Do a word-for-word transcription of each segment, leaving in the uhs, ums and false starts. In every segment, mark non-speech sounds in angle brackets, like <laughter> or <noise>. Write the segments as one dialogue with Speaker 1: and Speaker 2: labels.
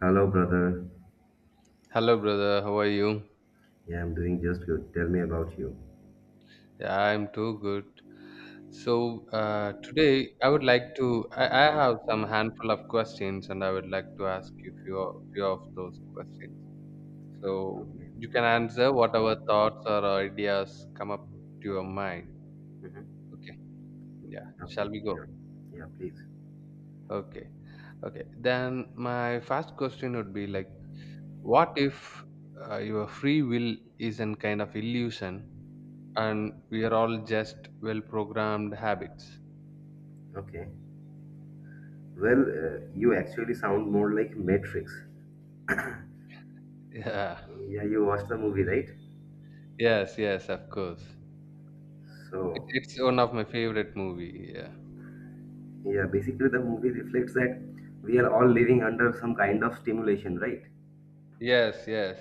Speaker 1: Hello, brother.
Speaker 2: Hello, brother. How are you?
Speaker 1: Yeah, I'm doing just good. Tell me about you.
Speaker 2: Yeah, I'm too good. So uh, today I would like to. I, I have some handful of questions, and I would like to ask you few of- few of those questions. So
Speaker 1: Okay.
Speaker 2: you can answer whatever thoughts or ideas come up to your mind.
Speaker 1: Mhm.
Speaker 2: Okay. Yeah. Shall
Speaker 1: Okay,
Speaker 2: we go?
Speaker 1: sure. Yeah, please.
Speaker 2: Okay. Okay. Then my first question would be like, what if uh, your free will is an kind of illusion and we are all just well programmed habits.
Speaker 1: Okay. Well, uh, you actually sound more like Matrix.
Speaker 2: Yeah,
Speaker 1: Yeah, you watched the movie, right?
Speaker 2: yes, yes of course it,
Speaker 1: So,
Speaker 2: it's one of my favorite movie. Yeah,
Speaker 1: yeah, basically the movie reflects that we are all living under some kind of stimulation, right?
Speaker 2: yes, yes.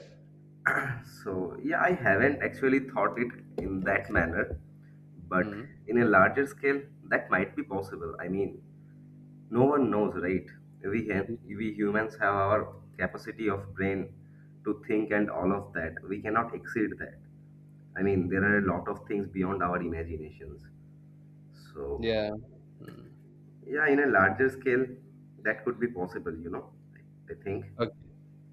Speaker 1: So, yeah, I haven't actually thought it in that manner, but
Speaker 2: Mm,
Speaker 1: in a larger scale, that might be possible. I mean, no one knows, right? We have, we humans have our capacity of brain to think and all of that. We cannot exceed that. I mean, there are a lot of things beyond our imaginations. So,
Speaker 2: yeah. Mm.
Speaker 1: yeah, in a larger scale, that could be possible, you know, I think.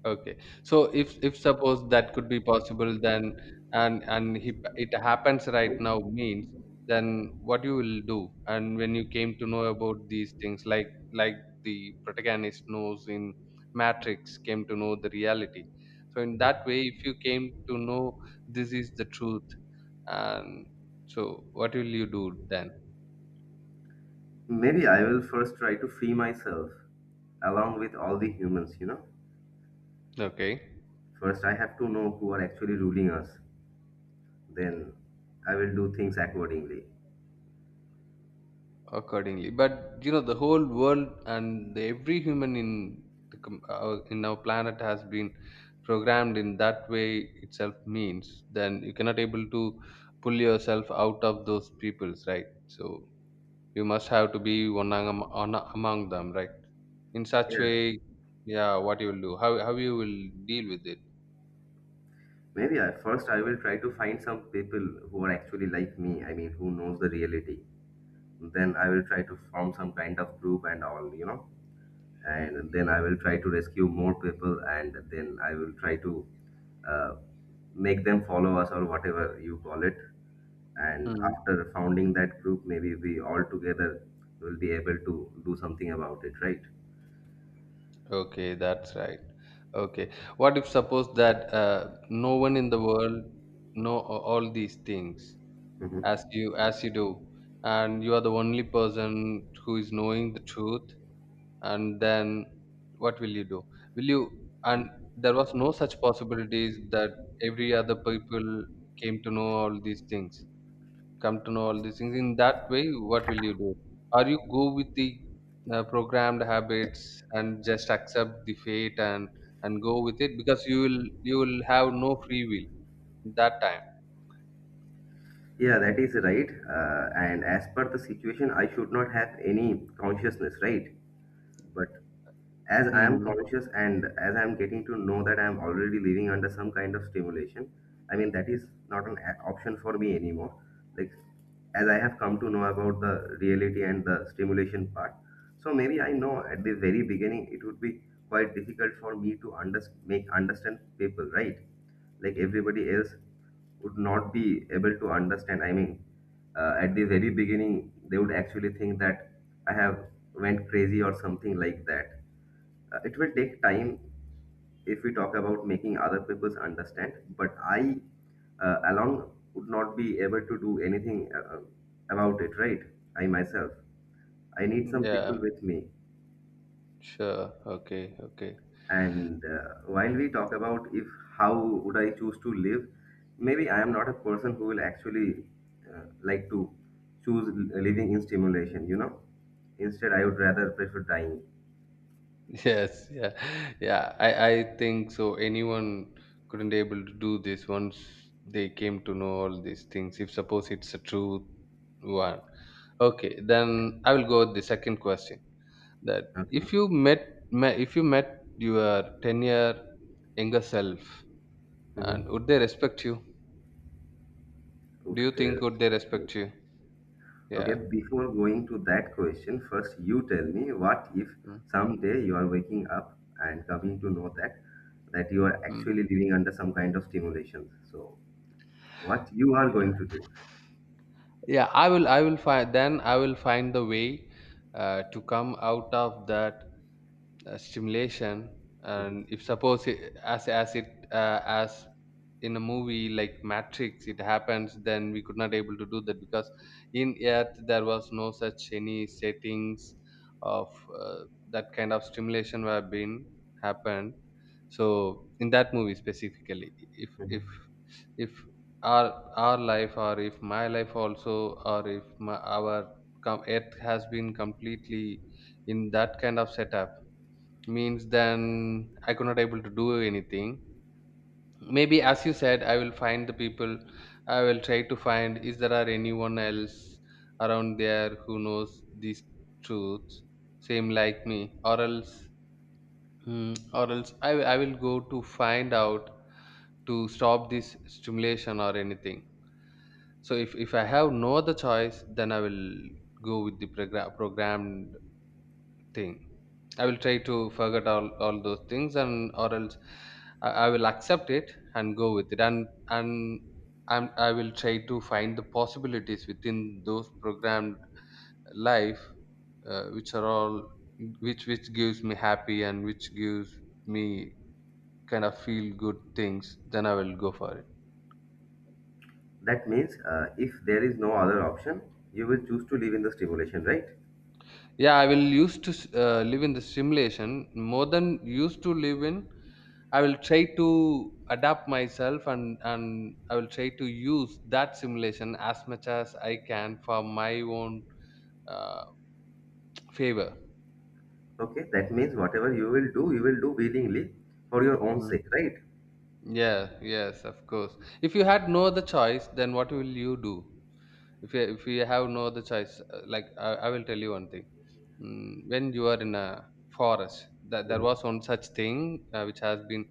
Speaker 2: Okay. So if if suppose that could be possible, then and and he, it happens right now means then what you will do? And when you came to know about these things, like like the protagonist knows in Matrix, came to know the reality. So in that way, if you came to know this is the truth, and so what will you do then?
Speaker 1: Maybe I will first try to free myself along with all the humans, you know.
Speaker 2: Okay.
Speaker 1: First, I have to know who are actually ruling us. Then, I will do things accordingly.
Speaker 2: Accordingly, but you know the whole world and the, every human in the, com- our, in our planet has been programmed in that way itself means then you cannot able to pull yourself out of those peoples, right? So you must have to be one among, on, among them, right? In such way, yeah, what you will do? How, how you will deal with it?
Speaker 1: Maybe I, first I will try to find some people who are actually like me. I mean, who knows the reality. Then I will try to form some kind of group and all, you know. And then I will try to rescue more people, and then I will try to uh, make them follow us or whatever you call it. And
Speaker 2: Hmm.
Speaker 1: after founding that group, maybe we all together will be able to do something about it, right?
Speaker 2: Okay, that's right. Okay. What if suppose that uh, no one in the world know a- all these things
Speaker 1: Mhm.
Speaker 2: as you as you do, and you are the only person who is knowing the truth, and then what will you do? Will you? And there was no such possibilities that every other people came to know all these things, come to know all these things in that way, what will you do? Or you go with the uh, programmed habits and just accept the fate and and go with it, because you will you will have no free will that time.
Speaker 1: Yeah, that is right. Uh, and as per the situation, I should not have any consciousness, right? But as I am
Speaker 2: Mm.
Speaker 1: conscious and as I am getting to know that I am already living under some kind of stimulation, I mean, that is not an a- option for me anymore. Like, as I have come to know about the reality and the stimulation part. So maybe I know at the very beginning it would be quite difficult for me to under- make understand people, right? Like everybody else would not be able to understand. I mean, uh, at the very beginning, they would actually think that I have went crazy or something like that. Uh, it will take time if we talk about making other peoples understand. But I uh, alone would not be able to do anything uh, about it, right? I myself, I need some people
Speaker 2: Yeah.
Speaker 1: with me.
Speaker 2: Sure. Okay. Okay. <laughs>
Speaker 1: And uh, while we talk about if how would I choose to live, maybe I am not a person who will actually uh, like to choose l- living in stimulation, you know. Instead, I would rather prefer dying.
Speaker 2: Yes. Yeah. Yeah. I, I think so. Anyone couldn't able to do this once they came to know all these things. If suppose it's a true one. Okay. Then I will go with the second question. That
Speaker 1: Okay.
Speaker 2: if you met, met if you met your ten year younger self,
Speaker 1: Mm-hmm.
Speaker 2: and would they respect you? Do
Speaker 1: Out
Speaker 2: you think
Speaker 1: there.
Speaker 2: would they
Speaker 1: Let me.
Speaker 2: respect you?
Speaker 1: Okay,
Speaker 2: Yeah.
Speaker 1: before going to that question, first you tell me what if
Speaker 2: Mm,
Speaker 1: someday you are waking up and coming to know that that you are
Speaker 2: mm.
Speaker 1: actually living under some kind of stimulation. So, what you are going to do?
Speaker 2: yeah i will i will find then i will find the way uh, to come out of that uh, stimulation.
Speaker 1: Mhm.
Speaker 2: And if suppose it, as as it uh, as in a movie like Matrix, it happens, then we could not able to do that because in earth there was no such any settings of uh, that kind of stimulation were been happened. So in that movie specifically, if if if our our life, or if my life also, or if my, our com- earth has been completely in that kind of setup means, then I could not able to do anything. Maybe, as you said, I will find the people, I will try to find is there are anyone else around there who knows these truths same like me, or else. Hmm, or else I, I will go to find out to stop this stimulation or anything. So if, if I have no other choice, then I will go with the program programmed thing. I will try to forget all, all those things and or else, I, I will accept it and go with it, and and I'm, I will try to find the possibilities within those programmed life, uh, which are all which which gives me happy and which gives me kind of feel good things. Then I will go for it.
Speaker 1: That means uh, if there is no other option, you will choose to live in the stimulation, right?
Speaker 2: Yeah, I will used to s- uh, live in the simulation more than used to live in. I will try to adapt myself, and and I will try to use that simulation as much as I can for my own uh, favor.
Speaker 1: Okay, that means whatever you will do, you will do willingly for your own
Speaker 2: Mm.
Speaker 1: sake, right?
Speaker 2: Yeah, yes, of course. If you had no other choice, then what will you do? If you, if you have no other choice, uh, like I, I will tell you one thing. Mm, when you are in a forest, that there
Speaker 1: Mm-hmm.
Speaker 2: was one such thing uh, which has been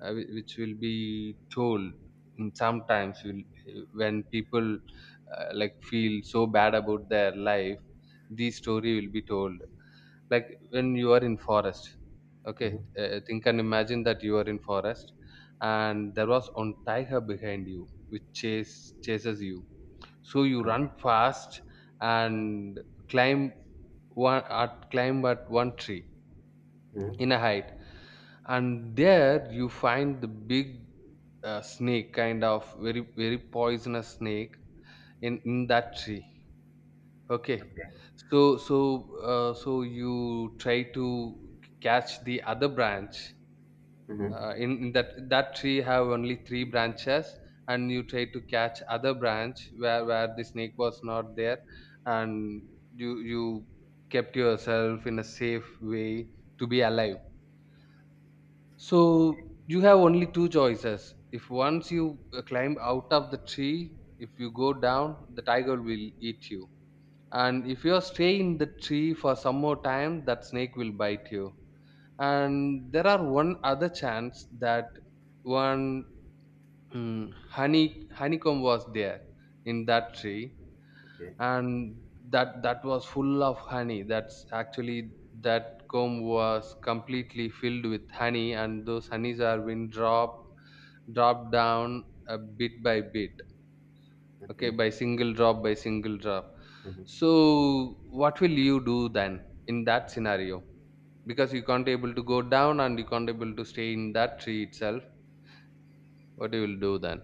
Speaker 2: uh, whi- which will be told in sometimes will, eh, when people uh, like feel so bad about their life, the story will be told like when you are in forest. Okay.
Speaker 1: Mm-hmm.
Speaker 2: Uh, think and imagine that you are in forest, and there was one tiger behind you which chase chases you, so you run fast and climb one at climb at one tree in a height, and there you find the big uh, snake, kind of very very poisonous snake in in that tree. Okay.
Speaker 1: Okay.
Speaker 2: So so, uh, so you try to catch the other branch,
Speaker 1: Mm-hmm. Okay.
Speaker 2: uh, in, in that that tree have only three branches, and you try to catch other branch where where the snake was not there, and you you kept yourself in a safe way to be alive. So you have only two choices. If once you uh, climb out of the tree, if you go down, the tiger will eat you. And if you stay in the tree for some more time, that snake will bite you. And there are one other chance that one, mm, honey honeycomb was there in that tree,
Speaker 1: Mm-hmm. Okay.
Speaker 2: and that that was full of honey. That's actually that comb was completely filled with honey, and those honeys are been dropped drop down a bit by bit. Okay,
Speaker 1: Okay.
Speaker 2: by single drop by single drop.
Speaker 1: Mhm.
Speaker 2: So what will you do then in that scenario? Because you can't able to go down, and you can't able to stay in that tree itself, what you will do then?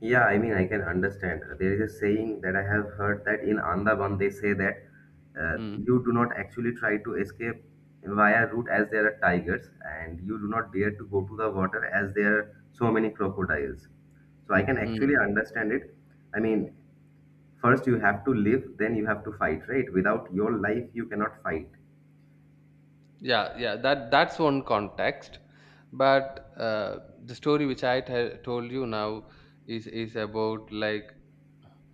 Speaker 1: Yeah, I mean, I can understand. There is a saying that I have heard that in Andaman they say that uh,
Speaker 2: Hmm.
Speaker 1: you do not actually try to escape via route as there are tigers, and you do not dare to go to the water as there are so many crocodiles. So I can actually
Speaker 2: Hmm.
Speaker 1: understand it. I mean, first you have to live, then you have to fight, right? Without your life, you cannot fight.
Speaker 2: Yeah, yeah, that that's one context, but uh, the story which i t- told you now is is about like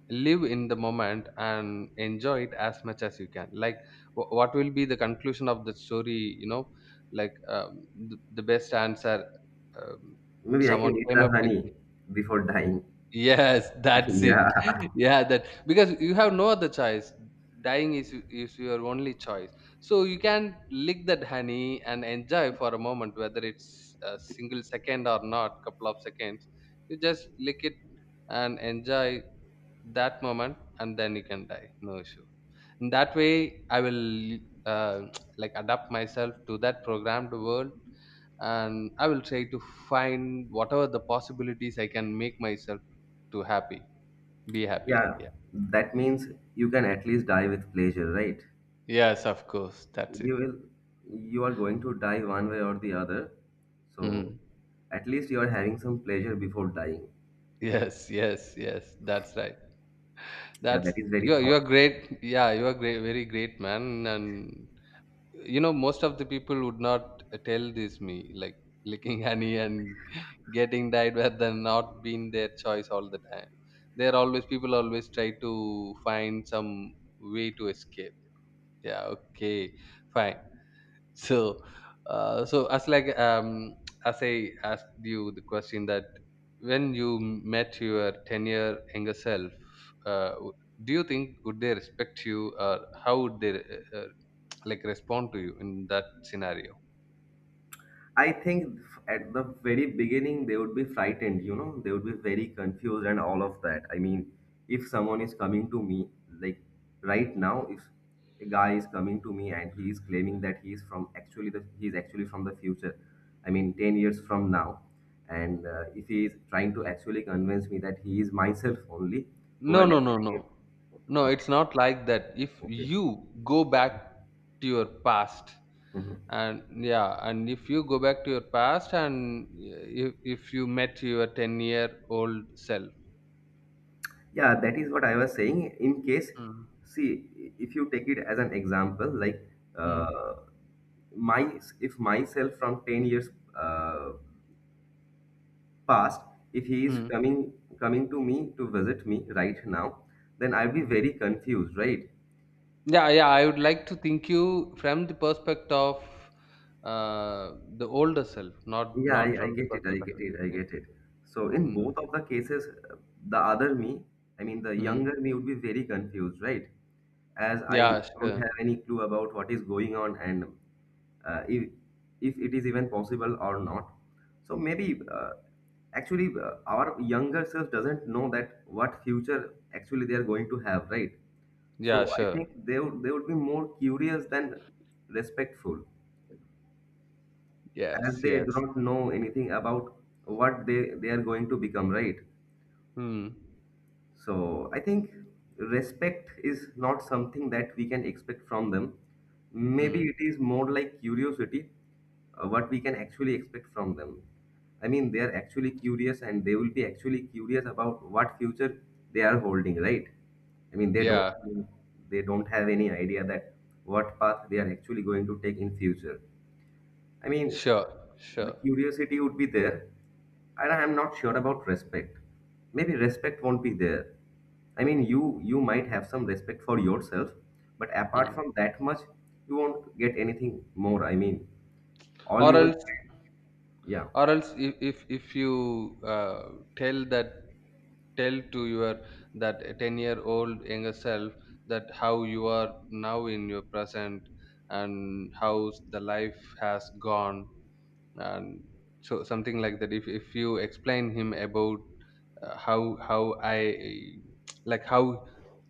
Speaker 2: live in the moment and enjoy it as much as you can. Like wh- what will be the conclusion of the story, you know, like um, the, the best answer, um,
Speaker 1: Maybe I can
Speaker 2: someone
Speaker 1: eat
Speaker 2: came
Speaker 1: the
Speaker 2: up with me.
Speaker 1: honey before dying.
Speaker 2: <laughs> Yes,
Speaker 1: <laughs>
Speaker 2: that's it.
Speaker 1: Yeah,
Speaker 2: <laughs> Yeah, that, because you have no other choice, dying is is your only choice, so you can lick that honey and enjoy for a moment, whether it's a single second or not couple of seconds, you just lick it and enjoy that moment, and then you can die, no issue. In that way, I will uh, <tsk> like adapt myself to that programmed world, and I will try to find whatever the possibilities I can make myself to happy, be happy,
Speaker 1: yeah.
Speaker 2: yeah.
Speaker 1: That means you can at least die with pleasure, right?
Speaker 2: Yes, of course, that's it.
Speaker 1: You will, you are going to die one way or the other, so
Speaker 2: Mm.
Speaker 1: at least you are having some pleasure before dying,
Speaker 2: <laughs>
Speaker 1: and
Speaker 2: Yes, yes, yes, that's right.
Speaker 1: yeah,
Speaker 2: That's
Speaker 1: that is very
Speaker 2: you're you're
Speaker 1: thoughtful.
Speaker 2: great yeah you're great, very great man. And you know most of the people would not tell this me like licking honey and <laughs> getting died where they're not been their choice all the time. They're always People always try to find some way to escape. Yeah, okay, fine. <laughs> So uh, so as like um as I asked you the question, that when you met your ten year younger self, uh, w- do you think would they respect you, or how would they uh, uh, like respond to you in that scenario?
Speaker 1: I think at the very beginning they would be frightened, you know, they would be very confused and all of that. I mean, if someone is coming to me, like right now, if a guy is coming to me and he is claiming that he is from actually the he is actually from the future, I mean, ten years from now, and uh, if he is trying to actually convince me that he is myself only who
Speaker 2: no
Speaker 1: has
Speaker 2: no no
Speaker 1: actually
Speaker 2: no
Speaker 1: given,
Speaker 2: no it's
Speaker 1: okay,
Speaker 2: not like that. If
Speaker 1: okay.
Speaker 2: you go back to your past,
Speaker 1: Mhm.
Speaker 2: and yeah, and if you go back to your past, and yeah, if, if you met your ten year old self.
Speaker 1: Yeah, that is what I was saying. In case,
Speaker 2: Mm,
Speaker 1: see, if you take it as an example, like
Speaker 2: mm,
Speaker 1: uh, my if myself from ten years uh, past, if he is
Speaker 2: mm,
Speaker 1: coming coming to me to visit me right now, then I'll be
Speaker 2: mm.
Speaker 1: very confused, right?
Speaker 2: Yeah, yeah. I would like to think you from the perspective of uh, the older self, not
Speaker 1: Yeah,
Speaker 2: not
Speaker 1: I, I
Speaker 2: from the
Speaker 1: get it. I
Speaker 2: perspective
Speaker 1: get
Speaker 2: of
Speaker 1: it. I
Speaker 2: yeah.
Speaker 1: get it. So in
Speaker 2: Mm,
Speaker 1: both of the cases, uh, the other me, I mean the
Speaker 2: mm.
Speaker 1: younger me would be very confused, right? As I
Speaker 2: Yeah,
Speaker 1: don't
Speaker 2: sure.
Speaker 1: have any clue about what is going on and uh, if if it is even possible or not. So maybe uh, actually uh, our younger self doesn't know that what future actually they are going to have, right?
Speaker 2: Yeah,
Speaker 1: So I
Speaker 2: sure.
Speaker 1: think they would they would be more curious than respectful as
Speaker 2: Yes,
Speaker 1: they do
Speaker 2: yes.
Speaker 1: not know anything about what they they are going to become, right?
Speaker 2: Hmm.
Speaker 1: So I think respect is not something that we can expect from them. Maybe
Speaker 2: Mm.
Speaker 1: it is more like curiosity. Uh, what we can actually expect from them. I mean, they are actually curious and they will be actually curious about what future they are holding, right? I mean they
Speaker 2: Yeah,
Speaker 1: don't they don't have any idea that what path they are actually going to take in future. I mean,
Speaker 2: sure,
Speaker 1: the
Speaker 2: sure.
Speaker 1: curiosity would be there, and I am not sure about respect. Maybe respect won't be there. I mean, you you might have some respect for yourself, but apart
Speaker 2: Hmm.
Speaker 1: from that much, you won't get anything more. I mean, all
Speaker 2: Or
Speaker 1: you will,
Speaker 2: else,
Speaker 1: yeah.
Speaker 2: or else, if if, if you uh, tell that, tell to your that ten year old younger self that how you are now in your present and how the life has gone, and so something like that. if, if you explain him about uh, how how I like how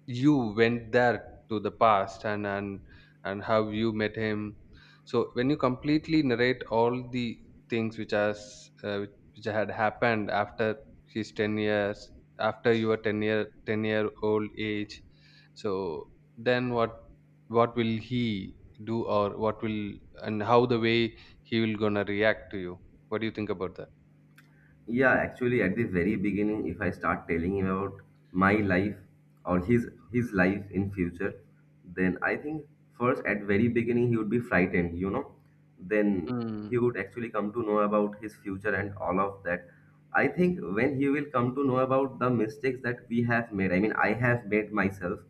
Speaker 2: you went there to the past and and and how you met him. So when you completely narrate all the things which has uh, which had happened after his ten years, after your ten year ten year old age, so then what what will he do, or what will, and how the way he will gonna react to you. What do you think about that?
Speaker 1: Yeah, actually, at the very beginning, if I start telling him about my life or his his life in future, then I think first at very beginning he would be frightened, you know. Then he
Speaker 2: Mm.
Speaker 1: would actually come to know about his future and all of that. I think when he will come to know about the mistakes that we have made, I mean, I have made myself,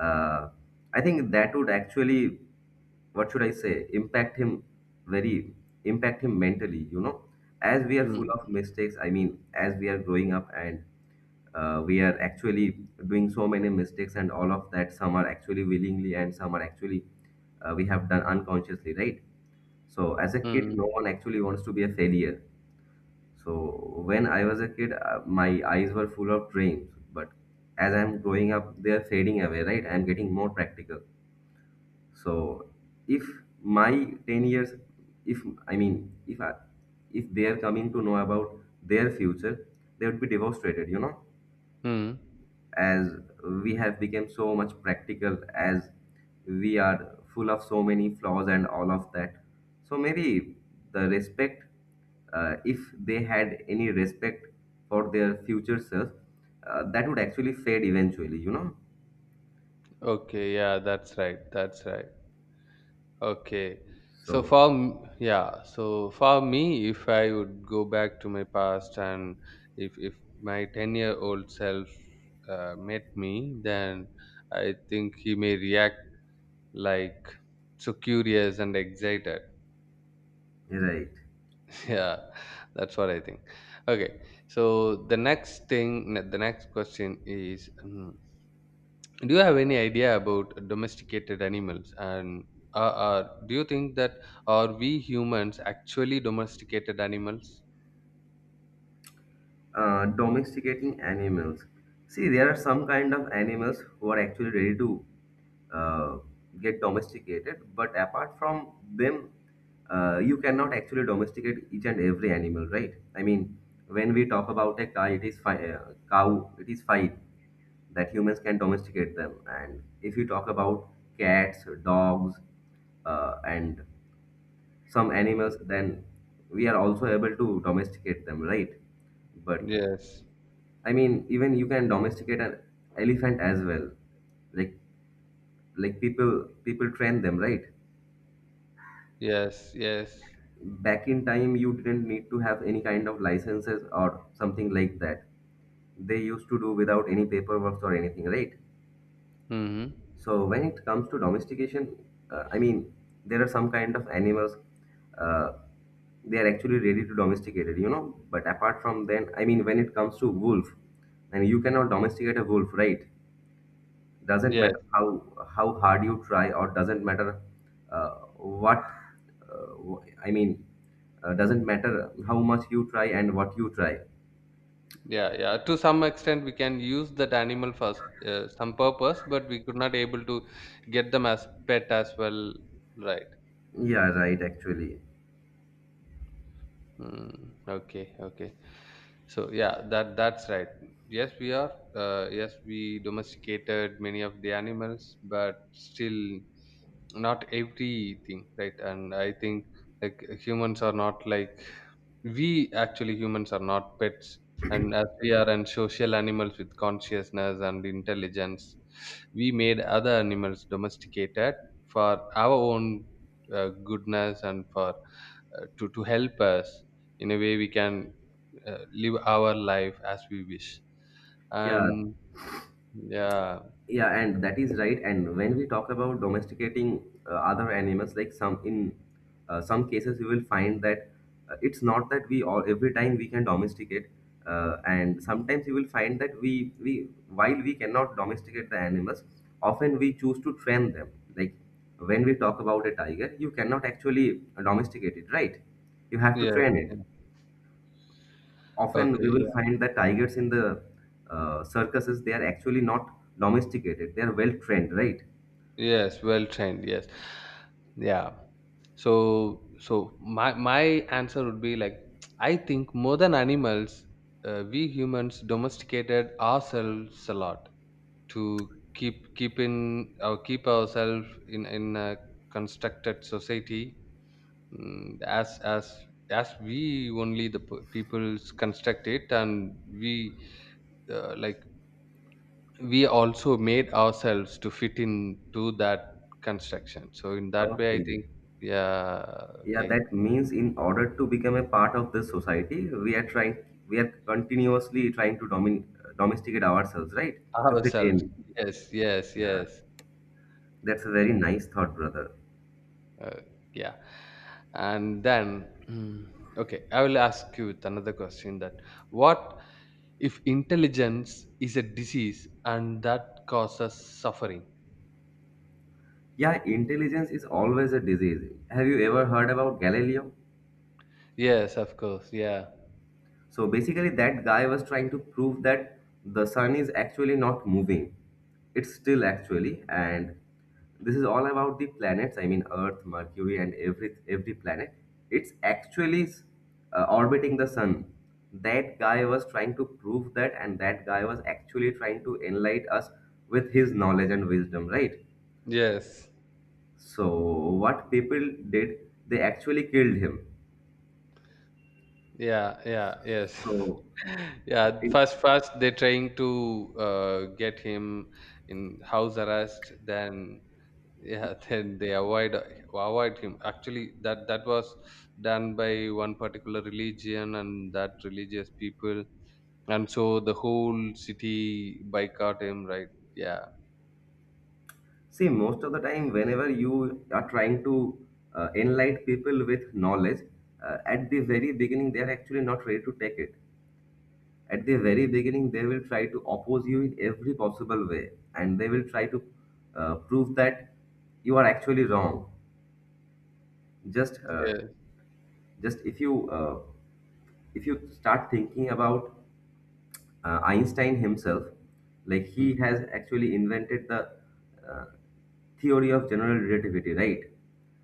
Speaker 1: uh, I think that would actually, what should I say, impact him very, impact him mentally, you know. As we are full of
Speaker 2: Mm.
Speaker 1: mistakes, I mean, as we are growing up and uh, we are actually doing so many mistakes, and all of that, some are actually willingly and some are actually uh, we have done unconsciously, right? So, as a kid,
Speaker 2: Mm.
Speaker 1: no one actually wants to be a failure, so when I was a kid, uh, my eyes were full of dreams, but as I'm growing up, they're fading away, right? I'm getting more practical. So if my ten years, if I mean, if I, if they are coming to know about their future, they would be devastated, you know?
Speaker 2: Mm.
Speaker 1: As we have become so much practical, as we are full of so many flaws and all of that, so maybe the respect, uh, if they had any respect for their future self, uh, that would actually fade eventually, you know,
Speaker 2: Okay, yeah, that's right. That's right. Okay. So
Speaker 1: so
Speaker 2: for m- yeah, so for me, if I would go back to my past and if if my ten-year-old self uh, met me, then I think he may react like so curious and excited.
Speaker 1: right.
Speaker 2: <laughs> Yeah, that's what I think. Okay, so the next thing, the next question is um, do you have any idea about domesticated animals? And uh, uh, do you think that are we humans actually domesticated animals?
Speaker 1: Uh, domesticating animals. See, there are some kind of animals who are actually ready to uh, get domesticated, but apart from them, uh, you cannot actually domesticate each and every animal, right? I mean, when we talk about a cow, it is fi- uh, cow, it is fine that humans can domesticate them, and if you talk about cats, dogs, uh, and some animals, then we are also able to domesticate them, right? But
Speaker 2: Yes,
Speaker 1: I mean, even you can domesticate an elephant as well. Like like people people train them, right?
Speaker 2: yes, yes.
Speaker 1: Back in time, you didn't need to have any kind of licenses or something like that. They used to do without any paperwork or anything, right?
Speaker 2: Mm-hmm.
Speaker 1: So when it comes to domestication, uh, I mean, there are some kind of animals. Uh, they are actually ready to domesticate it, you know. But apart from then, I mean, when it comes to wolf, and you cannot domesticate a wolf, right? Doesn't
Speaker 2: Yes.
Speaker 1: matter how how hard you try, or doesn't matter uh, what uh, wh- I mean. Uh, doesn't matter how much you try and what you try.
Speaker 2: Yeah yeah to some extent we can use that animal for s- uh, some purpose, but we could not able to get them as pet as well, right?
Speaker 1: Yeah, right. Actually,
Speaker 2: Mm, okay, okay. So yeah, that that's right. Yes, we are. Uh, yes, we domesticated many of the animals, but still not everything, right? And I think like humans are not like, we actually humans are not pets, and as we are and social animals with consciousness and intelligence, we made other animals domesticated for our own uh, goodness and for uh, to to help us in a way we can uh, live our life as we wish.
Speaker 1: yeah.
Speaker 2: And yeah.
Speaker 1: Yeah, and that is right. And when we talk about domesticating uh, other animals, like some in uh, some cases, we will find that uh, it's not that we all every time we can domesticate, uh, and sometimes you will find that we we while we cannot domesticate the animals, often we choose to train them. Like when we talk about a tiger, you cannot actually domesticate it, right? You have to
Speaker 2: Yes,
Speaker 1: train it.
Speaker 2: yes.
Speaker 1: Often
Speaker 2: Okay,
Speaker 1: we will
Speaker 2: yeah.
Speaker 1: find that tigers in the uh, circuses they are actually not domesticated; they are well trained, right?
Speaker 2: Yes, well trained, yes. Yeah. So so my my answer would be like, I think more than animals, uh, we humans domesticated ourselves a lot to keep keep in or keep ourselves in in a constructed society, mm, as as as we only the p- peoples construct it, and we, uh, like, we also made ourselves to fit into that construction. So in that way, I
Speaker 1: Okay.
Speaker 2: think, yeah.
Speaker 1: Yeah,
Speaker 2: Okay.
Speaker 1: that means in order to become a part of the society, we are trying, we are continuously trying to domin domesticate ourselves, right? To fit in.
Speaker 2: Ourselves. Yes, yes,
Speaker 1: Yeah,
Speaker 2: yes.
Speaker 1: that's a very nice thought, brother.
Speaker 2: Uh, yeah. And then, mm, okay, I will ask you with another question: that what if intelligence is a disease and that causes suffering?
Speaker 1: Yeah, intelligence is always a disease. Have you ever heard about Galileo?
Speaker 2: Yes, of course. Yeah.
Speaker 1: So basically, that guy was trying to prove that the sun is actually not moving. It's still actually, and this is all about the planets. I mean, Earth, Mercury, and every every planet. It's actually uh, orbiting the sun. That guy was trying to prove that, and that guy was actually trying to enlighten us with his knowledge and wisdom, right?
Speaker 2: Yes.
Speaker 1: So what people did, they actually killed him.
Speaker 2: Yeah. Yeah. Yes.
Speaker 1: So
Speaker 2: <laughs> Yeah. First, first they're trying to uh, get him in house arrest. Then, yeah. <laughs> Then they avoid, avoid him. Actually, that that was done by one particular religion and that religious people, and so the whole city boycott him, right? Yeah.
Speaker 1: see, most of the time, whenever you are trying to uh, enlighten people with knowledge, uh, at the very beginning, they are actually not ready to take it. At the very beginning, they will try to oppose you in every possible way, and they will try to uh, prove that you are actually wrong. Just, uh,
Speaker 2: Yeah.
Speaker 1: just if you uh, if you start thinking about uh, Einstein himself, like
Speaker 2: Hmm.
Speaker 1: he has actually invented the uh, theory of general relativity, right?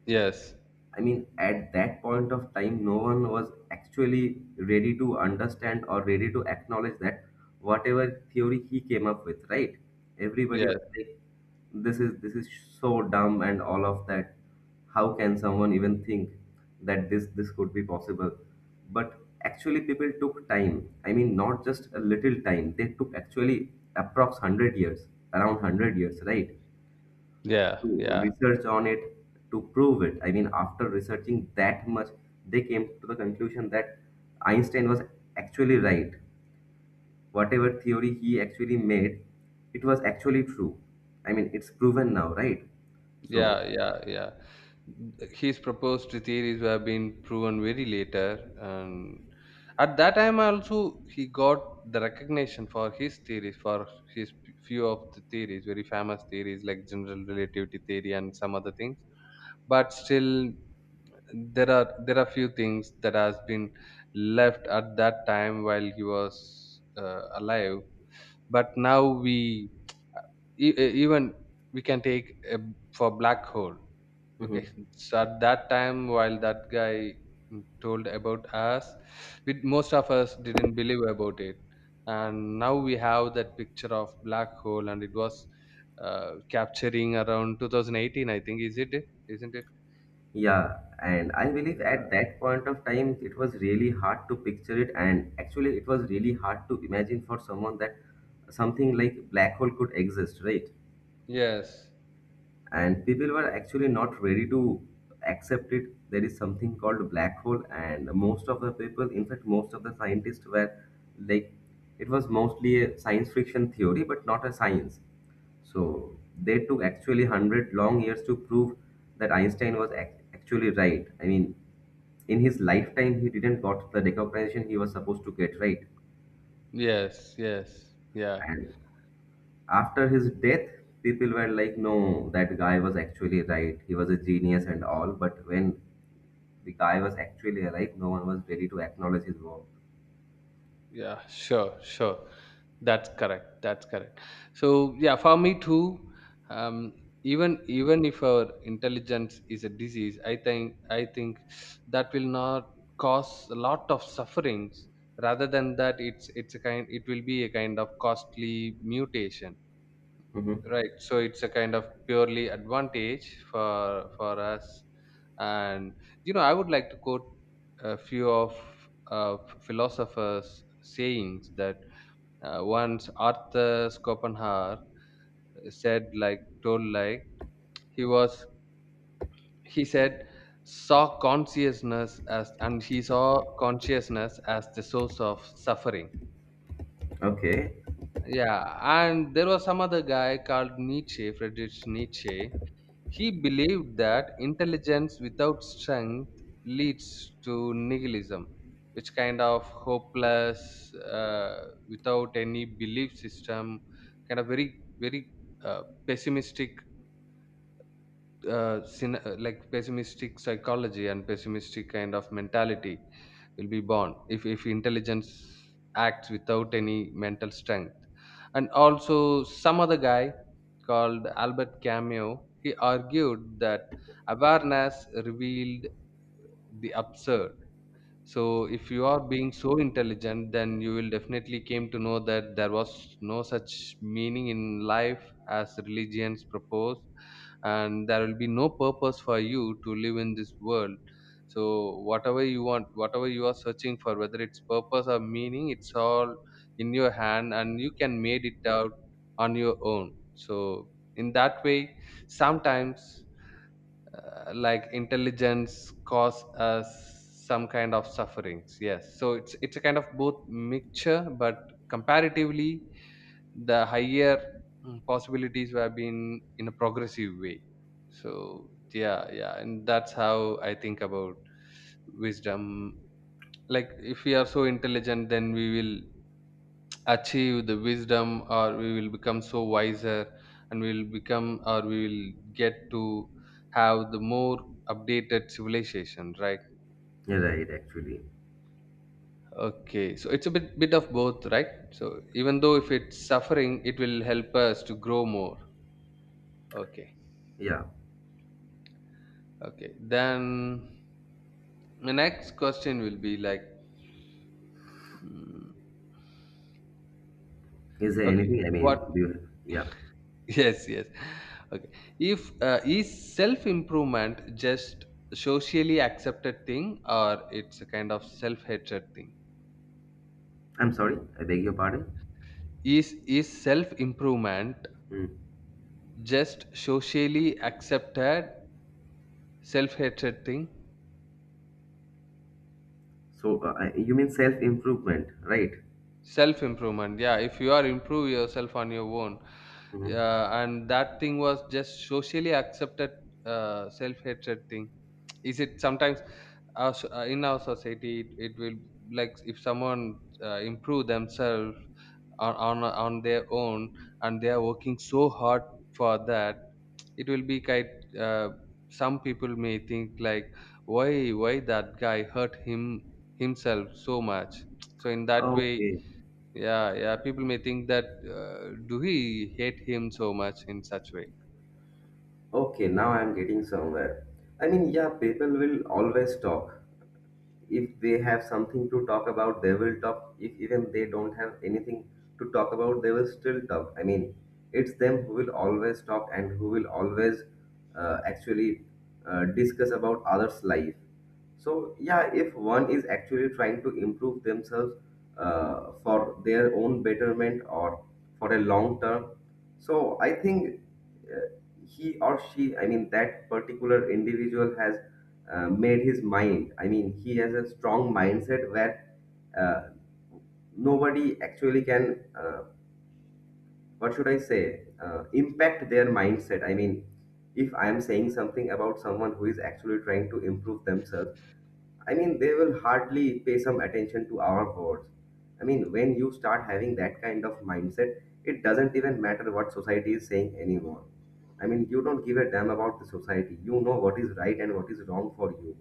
Speaker 2: Yes.
Speaker 1: I mean, at that point of time, no one was actually ready to understand or ready to acknowledge that whatever theory he came up with, right? Everybody
Speaker 2: Yes.
Speaker 1: was like, this is this is so dumb and all of that. How can someone even think that this this could be possible? But actually people took time. I mean, not just a little time. They took actually approx one hundred years, around one hundred years, right?
Speaker 2: Yeah.
Speaker 1: To
Speaker 2: Yeah.
Speaker 1: research on it, to prove it. I mean, after researching that much, they came to the conclusion that Einstein was actually right. Whatever theory he actually made, it was actually true. I mean, it's proven now, right? So,
Speaker 2: Yeah, yeah, yeah. His proposed theories were being proven very later, and at that time also he got the recognition for his theories, for his p- few of the theories, very famous theories like general relativity theory and some other things. But still, there are there are few things that has been left at that time while he was uh, alive. But now we, e- e- even we can take, uh, for black hole. Okay,
Speaker 1: mhm.
Speaker 2: so at that time, while that guy, mm, told about us, we, most of us didn't believe about it, and now we have that picture of black hole, and it was uh, capturing around two thousand eighteen, I think. Is it? Isn't it?
Speaker 1: Yeah, and I believe at
Speaker 2: Yeah.
Speaker 1: that point of time, it was really hard to picture it, and actually, it was really hard to imagine for someone that something like black hole could exist, right?
Speaker 2: Yes.
Speaker 1: And people were actually not ready to accept it. There is something called black hole, and most of the people, in fact most of the scientists, were like it was mostly a science fiction theory but not a science. So they took actually one hundred long years to prove that Einstein was ac- actually right. I mean, in his lifetime he didn't got the recognition he was supposed to get, right?
Speaker 2: Yes. Yes. Yeah.
Speaker 1: And after his death people were like, no, that guy was actually right, he was a genius and all. But when the guy was actually alive, no one was ready to acknowledge his work.
Speaker 2: Yeah, sure, sure. That's correct. That's correct. So yeah, for me too. Um, even even if our intelligence is a disease, I think I think that will not cause a lot of sufferings. Rather than that, it's it's a kind. It will be a kind of costly mutation,
Speaker 1: Hmm.
Speaker 2: right? So it's a kind of purely advantage for for us And you know, I would like to quote a few of uh, philosophers sayings that, uh, once Arthur Schopenhauer said like, told like, he was he said saw consciousness as, and he saw consciousness as the source of suffering.
Speaker 1: Okay.
Speaker 2: Yeah, and there was some other guy called Nietzsche, Friedrich Nietzsche. He believed that intelligence without strength leads to nihilism, which kind of hopeless, uh, without any belief system, kind of very, very, uh, pessimistic, uh, syn- uh, like pessimistic psychology and pessimistic kind of mentality will be born if, if intelligence acts without any mental strength. And also some other guy called Albert Camus, he argued that awareness revealed the absurd. So if you are being so intelligent, then you will definitely came to know that there was no such meaning in life as religions propose, and there will be no purpose for you to live in this world. So whatever you want, whatever you are searching for, whether it's purpose or meaning, it's all in your hand, and you can made it out on your own. So in that way, sometimes, uh, like, intelligence cause us some kind of sufferings, yes. So it's it's a kind of both mixture, but comparatively the higher, mm, possibilities have been in a progressive way. So yeah, yeah. And that's how I think about wisdom, like if we are so intelligent, then we will achieve the wisdom, or we will become so wiser, and we will become, or we will get to have the more updated civilization, right?
Speaker 1: You're right. Actually,
Speaker 2: Okay, so it's a bit bit of both, right? So even though if it's suffering, it will help us to grow more. Okay.
Speaker 1: yeah.
Speaker 2: Okay, then the next question will be like, mm,
Speaker 1: Is there
Speaker 2: okay,
Speaker 1: anything? I
Speaker 2: what,
Speaker 1: mean, do you, yeah.
Speaker 2: yes yes, okay, if, uh, is self improvement just socially accepted thing, or it's a kind of self hatred thing?
Speaker 1: I'm sorry. I beg your pardon.
Speaker 2: Is is self improvement
Speaker 1: Mm.
Speaker 2: just socially accepted self hatred thing?
Speaker 1: So uh, I- you mean self improvement, right?
Speaker 2: Self improvement, yeah. If you are improve yourself on your own,
Speaker 1: Hmm.
Speaker 2: uh, and that thing was just socially accepted, uh, self hatred thing. Is it sometimes us, uh, in our society, it, it will, like if someone, uh, improve themselves on, on on their own, and they are working so hard for that, it will be kind, uh, some people may think like, why why that guy hurt him, himself so much. So in that way,
Speaker 1: Okay.
Speaker 2: yeah, yeah, people may think that, uh, do he hate him so much in such way.
Speaker 1: Okay. Now I'm getting somewhere. I mean, yeah. People will always talk. If they have something to talk about they will talk. If even they don't have anything to talk about they will still talk. I mean, it's them who will always talk and who will always uh, actually uh, discuss about others life. So yeah, if one is actually trying to improve themselves uh, for their own betterment or for a long term, so I think uh, he or she, I mean that particular individual has uh, made his mind. I mean, he has a strong mindset where uh, nobody actually can, uh, what should I say, uh, impact their mindset. I mean, if I am saying something about someone who is actually trying to improve themselves, I mean, they will hardly pay some attention to our words. I mean, when you start having that kind of mindset, it doesn't even matter what society is saying anymore. I mean, you don't give a damn about the society. You know what is right and what is wrong for you.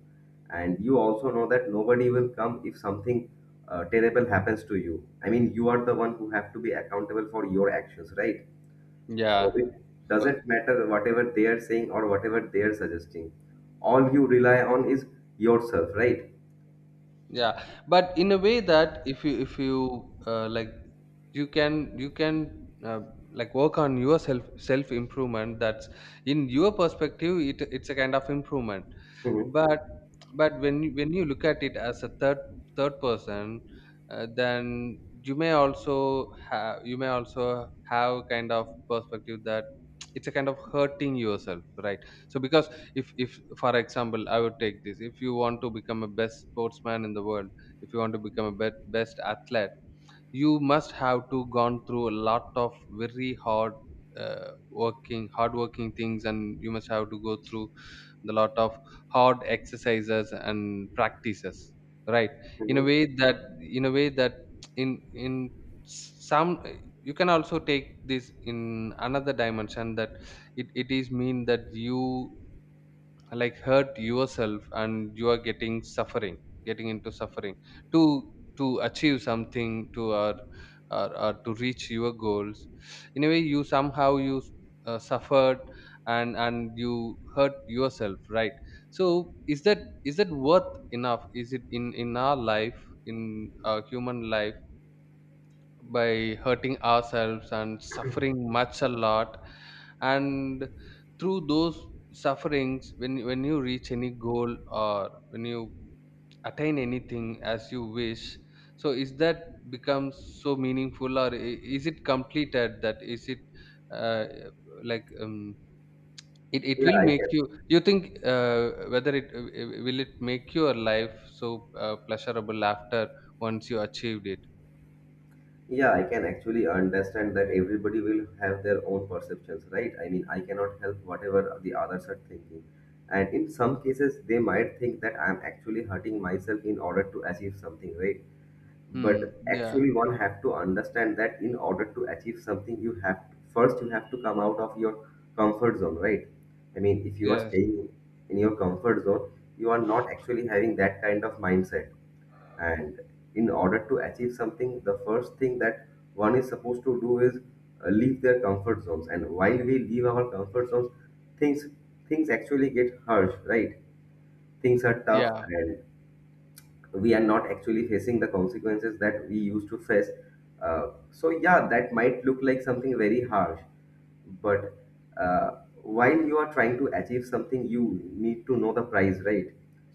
Speaker 1: And you also know that nobody will come if something uh, terrible happens to you. I mean, you are the one who have to be accountable for your actions, right? So
Speaker 2: Yeah,
Speaker 1: it
Speaker 2: of course.
Speaker 1: doesn't matter whatever they are saying or whatever they are suggesting. All you rely on is yourself, right?
Speaker 2: Yeah, but in a way that, if you if you uh, like, you can you can uh, like, work on your self self improvement, that's in your perspective. It it's a kind of improvement.
Speaker 1: Mm-hmm.
Speaker 2: but but when you, when you look at it as a third third person, uh, then you may also have, you may also have kind of perspective that <tsk> it's a kind of hurting yourself, right? So because, if if for example, I would take this, if you want to become a best sportsman in the world, if you want to become a bet, best athlete, you must have to gone through a lot of very hard, uh, working hard working things, and you must have to go through the lot of hard exercises and practices, right? In a
Speaker 1: Mm-hmm.
Speaker 2: way that, in a way that, in in some, you can also take this in another dimension that it, it is mean that you, like, hurt yourself and you are getting suffering, getting into suffering, to to achieve something, to, or, or, or to reach your goals. In a way, you somehow you, uh, suffered, and and you hurt yourself, right? So is that, is that worth enough? Is it in in our life, in our human life, by hurting ourselves and suffering much a lot, and through those sufferings, when when you reach any goal, or when you attain anything as you wish, so is that becomes so meaningful? Or i- is it completed, that, is it, uh, like, um, it, it
Speaker 1: Yeah,
Speaker 2: will
Speaker 1: I
Speaker 2: make you,
Speaker 1: can.
Speaker 2: you think, uh, whether it uh, uh, will it make your life so, uh, pleasurable after once you achieved it?
Speaker 1: Yeah, I can actually understand that everybody will have their own perceptions, right? I mean, I cannot help whatever the others are thinking. And in some cases, they might think that I'm actually hurting myself in order to achieve something, right?
Speaker 2: Hmm.
Speaker 1: But
Speaker 2: Yeah.
Speaker 1: actually, one have to understand that in order to achieve something, you have first you have to come out of your comfort zone, right? I mean, if you are
Speaker 2: Yes.
Speaker 1: staying in your comfort zone, you are not actually having that kind of mindset. And in order to achieve something, the first thing that one is supposed to do is uh, leave their comfort zones. And while we leave our comfort zones, things things actually get harsh, right? Things are tough,
Speaker 2: Yeah.
Speaker 1: and we are not actually facing the consequences that we used to face. Uh, so yeah, that might look like something very harsh, but uh, while you are trying to achieve something, you need to know the price, right?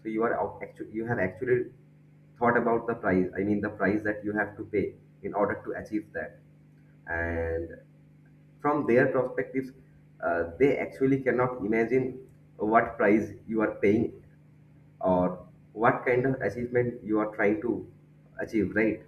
Speaker 1: So you are actually you have actually thought about the price. I mean the price that you have to pay in order to achieve that. And from their perspectives, uh, they actually cannot imagine what price you are paying or what kind of achievement you are trying to achieve, right?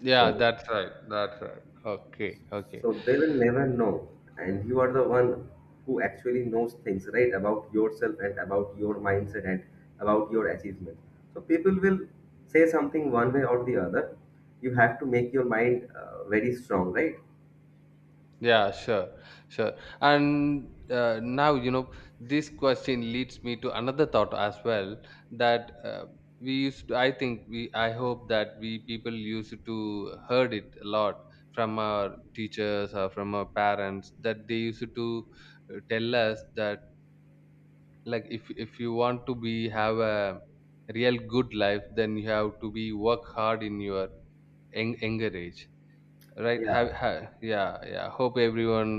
Speaker 2: Yeah,
Speaker 1: So,
Speaker 2: that's right. That's right. Okay, okay.
Speaker 1: so they will never know, and you are the one who actually knows things, right, about yourself and about your mindset and about your achievement. So people will say something one way or the other. You have to make your mind uh, very strong, right?
Speaker 2: Yeah, sure, sure. And uh, now, you know, this question leads me to another thought as well, that uh, we used to, I think we, I hope that we people used to heard it a lot from our teachers or from our parents, that they used to uh, tell us that, like, if if you want to be have a real good life, then you have to be work hard in your young, younger age, right?
Speaker 1: Yeah,
Speaker 2: have, have yeah, yeah, hope everyone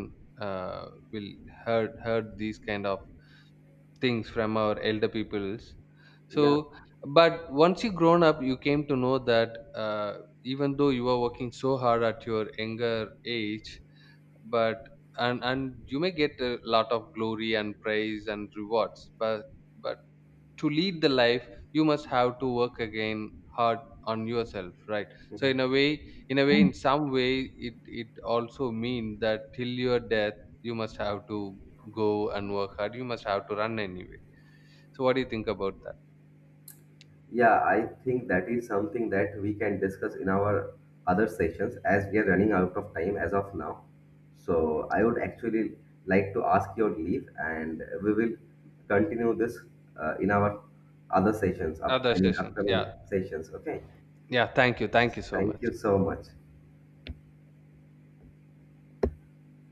Speaker 2: uh, will heard heard these kind of things from our elder peoples.
Speaker 1: yeah.
Speaker 2: So, but once you grown up, you came to know that, uh, even though you are working so hard at your younger age, but, and and you may get a lot of glory and praise and rewards, but but to lead the life, you must have to work again hard on yourself, right? So in a
Speaker 1: Mhm.
Speaker 2: way, in a way, in some way, it it also means that till your death you must have to go and work hard, you must have to run anyway. So what do you think about that?
Speaker 1: Yeah, I think that is something that we can discuss in our other sessions as we are running out of time as of now. So I would actually like to ask your leave, and we will continue this uh, in our other sessions, up,
Speaker 2: Other
Speaker 1: I mean
Speaker 2: sessions, yeah.
Speaker 1: upcoming sessions. Okay.
Speaker 2: Yeah, thank you, thank you so
Speaker 1: Thank
Speaker 2: much.
Speaker 1: you so much.